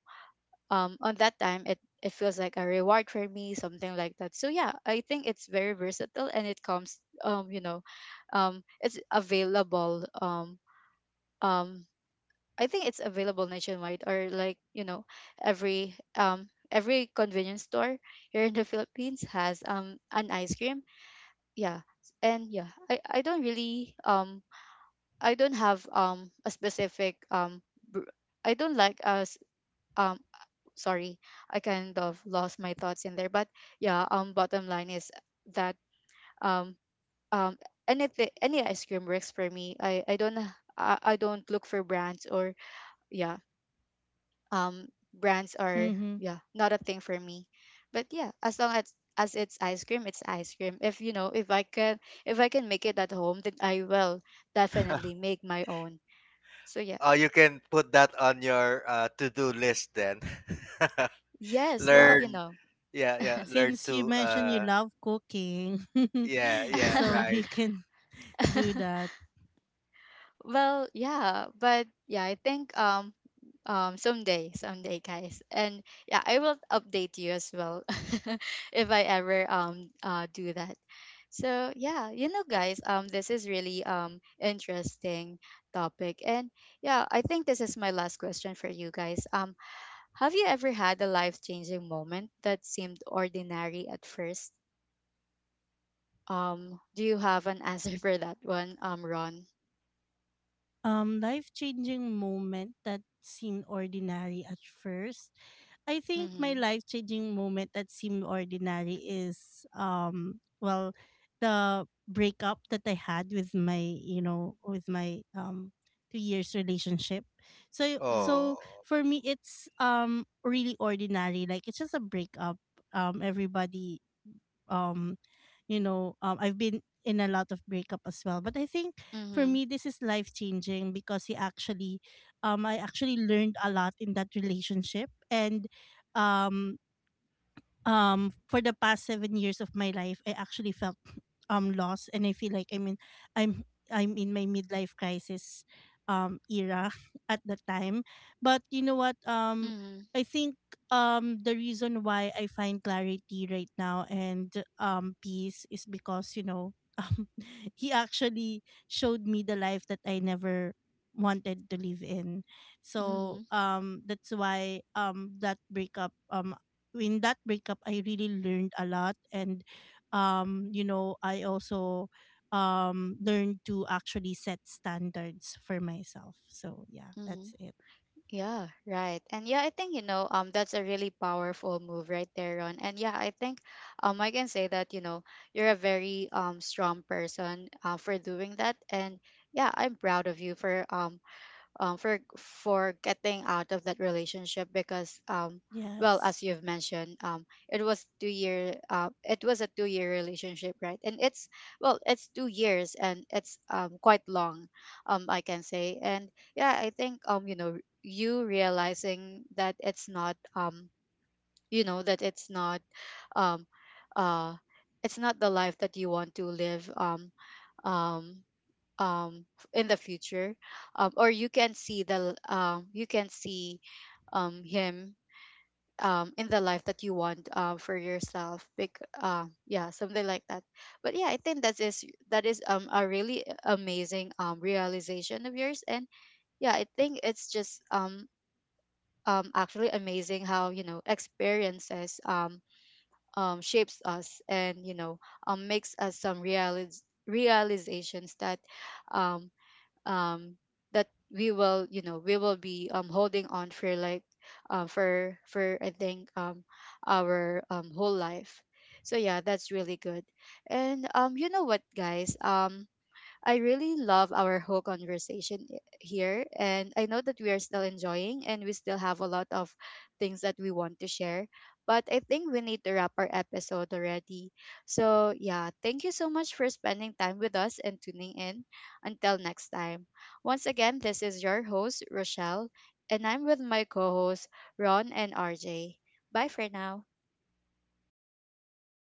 A: um on that time it it feels like a reward for me, something like that. So yeah, I think it's very versatile and it comes, um you know um it's available. um um I think it's available nationwide, or like, you know, every um every convenience store here in the Philippines has um an ice cream. Yeah. And yeah, I I don't really um I don't have um a specific um br- I don't like us, um sorry, I kind of lost my thoughts in there. But yeah, um bottom line is that um um anything, any ice cream works for me. I I don't, uh, I, I don't look for brands. Or yeah, um brands are,
B: Mm-hmm.
A: yeah, not a thing for me. But yeah, as long as as it's ice cream, it's ice cream. If, you know, if I can, if I can make it at home, then I will definitely make my own. So yeah.
C: Oh, you can put that on your uh, to-do list then.
A: Yes, well, you
C: Learn,
A: know.
C: yeah, yeah, learn
B: Since you
C: to,
B: mentioned you
C: uh,
B: love cooking,
C: yeah, yeah,
B: so you
C: right.
B: can do that.
A: Well, yeah, but yeah, I think um um, someday, someday, guys. And yeah, I will update you as well if I ever um uh do that. So yeah, you know, guys, um, this is really um interesting topic. And yeah, I think this is my last question for you guys. Um, have you ever had a life changing moment that seemed ordinary at first? Um, do you have an answer for that one, um, Ron?
B: Um life changing moment that seemed ordinary at first. I think my
A: Mm-hmm.
B: life changing moment that seemed ordinary is, um well, the breakup that I had with my, you know with my um two years relationship. So
A: Mm-hmm.
B: so
C: Oh.
B: for me it's um really ordinary, like it's just a breakup. Um everybody, um you know um, I've been in a lot of breakup as well, but I think for
A: Mm-hmm.
B: me this is life changing because he actually um I actually learned a lot in that relationship. And um um for the past seven years of my life, I actually felt um lost, and I feel like, I mean, i'm i'm in my midlife crisis um era at the time. But you know what, um
A: Mm-hmm.
B: I think um the reason why I find clarity right now and um peace is because, you know, um he actually showed me the life that I never wanted to live in. So
A: Mm-hmm.
B: um that's why, um that breakup um in that breakup I really learned a lot. And um you know, I also um learned to actually set standards for myself. So yeah,
A: Mm-hmm.
B: that's it.
A: Yeah, right. And yeah, I think, you know, um that's a really powerful move right there, Ron. And yeah, I think um I can say that, you know, you're a very um strong person, uh, for doing that. And yeah, I'm proud of you for um um, for for getting out of that relationship, because um well, as
B: Yes.
A: you've mentioned, um it was two year, uh, it was a two year relationship, right? And it's, well, it's two years, and it's um quite long, um I can say. And yeah, I think, um you know, you realizing that it's not, um you know, that it's not um uh it's not the life that you want to live, um um um f- in the future, um, or you can see the l- um you can see um him um in the life that you want um for yourself, like, um yeah, something like that. But yeah, I think that is, that is um a really amazing um realization of yours. And yeah, I think it's just um um actually amazing how, you know, experiences um um shapes us, and you know, um makes us some realiz- realizations that um um that we will, you know, we will be um holding on for, like, uh, for for I think um our um whole life. So yeah, that's really good. And um, you know what, guys, um I really love our whole conversation i- here. And I know that we are still enjoying, and we still have a lot of things that we want to share. But I think we need to wrap our episode already. So yeah, thank you so much for spending time with us and tuning in. Until next time. Once again, this is your host, Rochelle, and I'm with my co hosts, Ron and R J. Bye for now.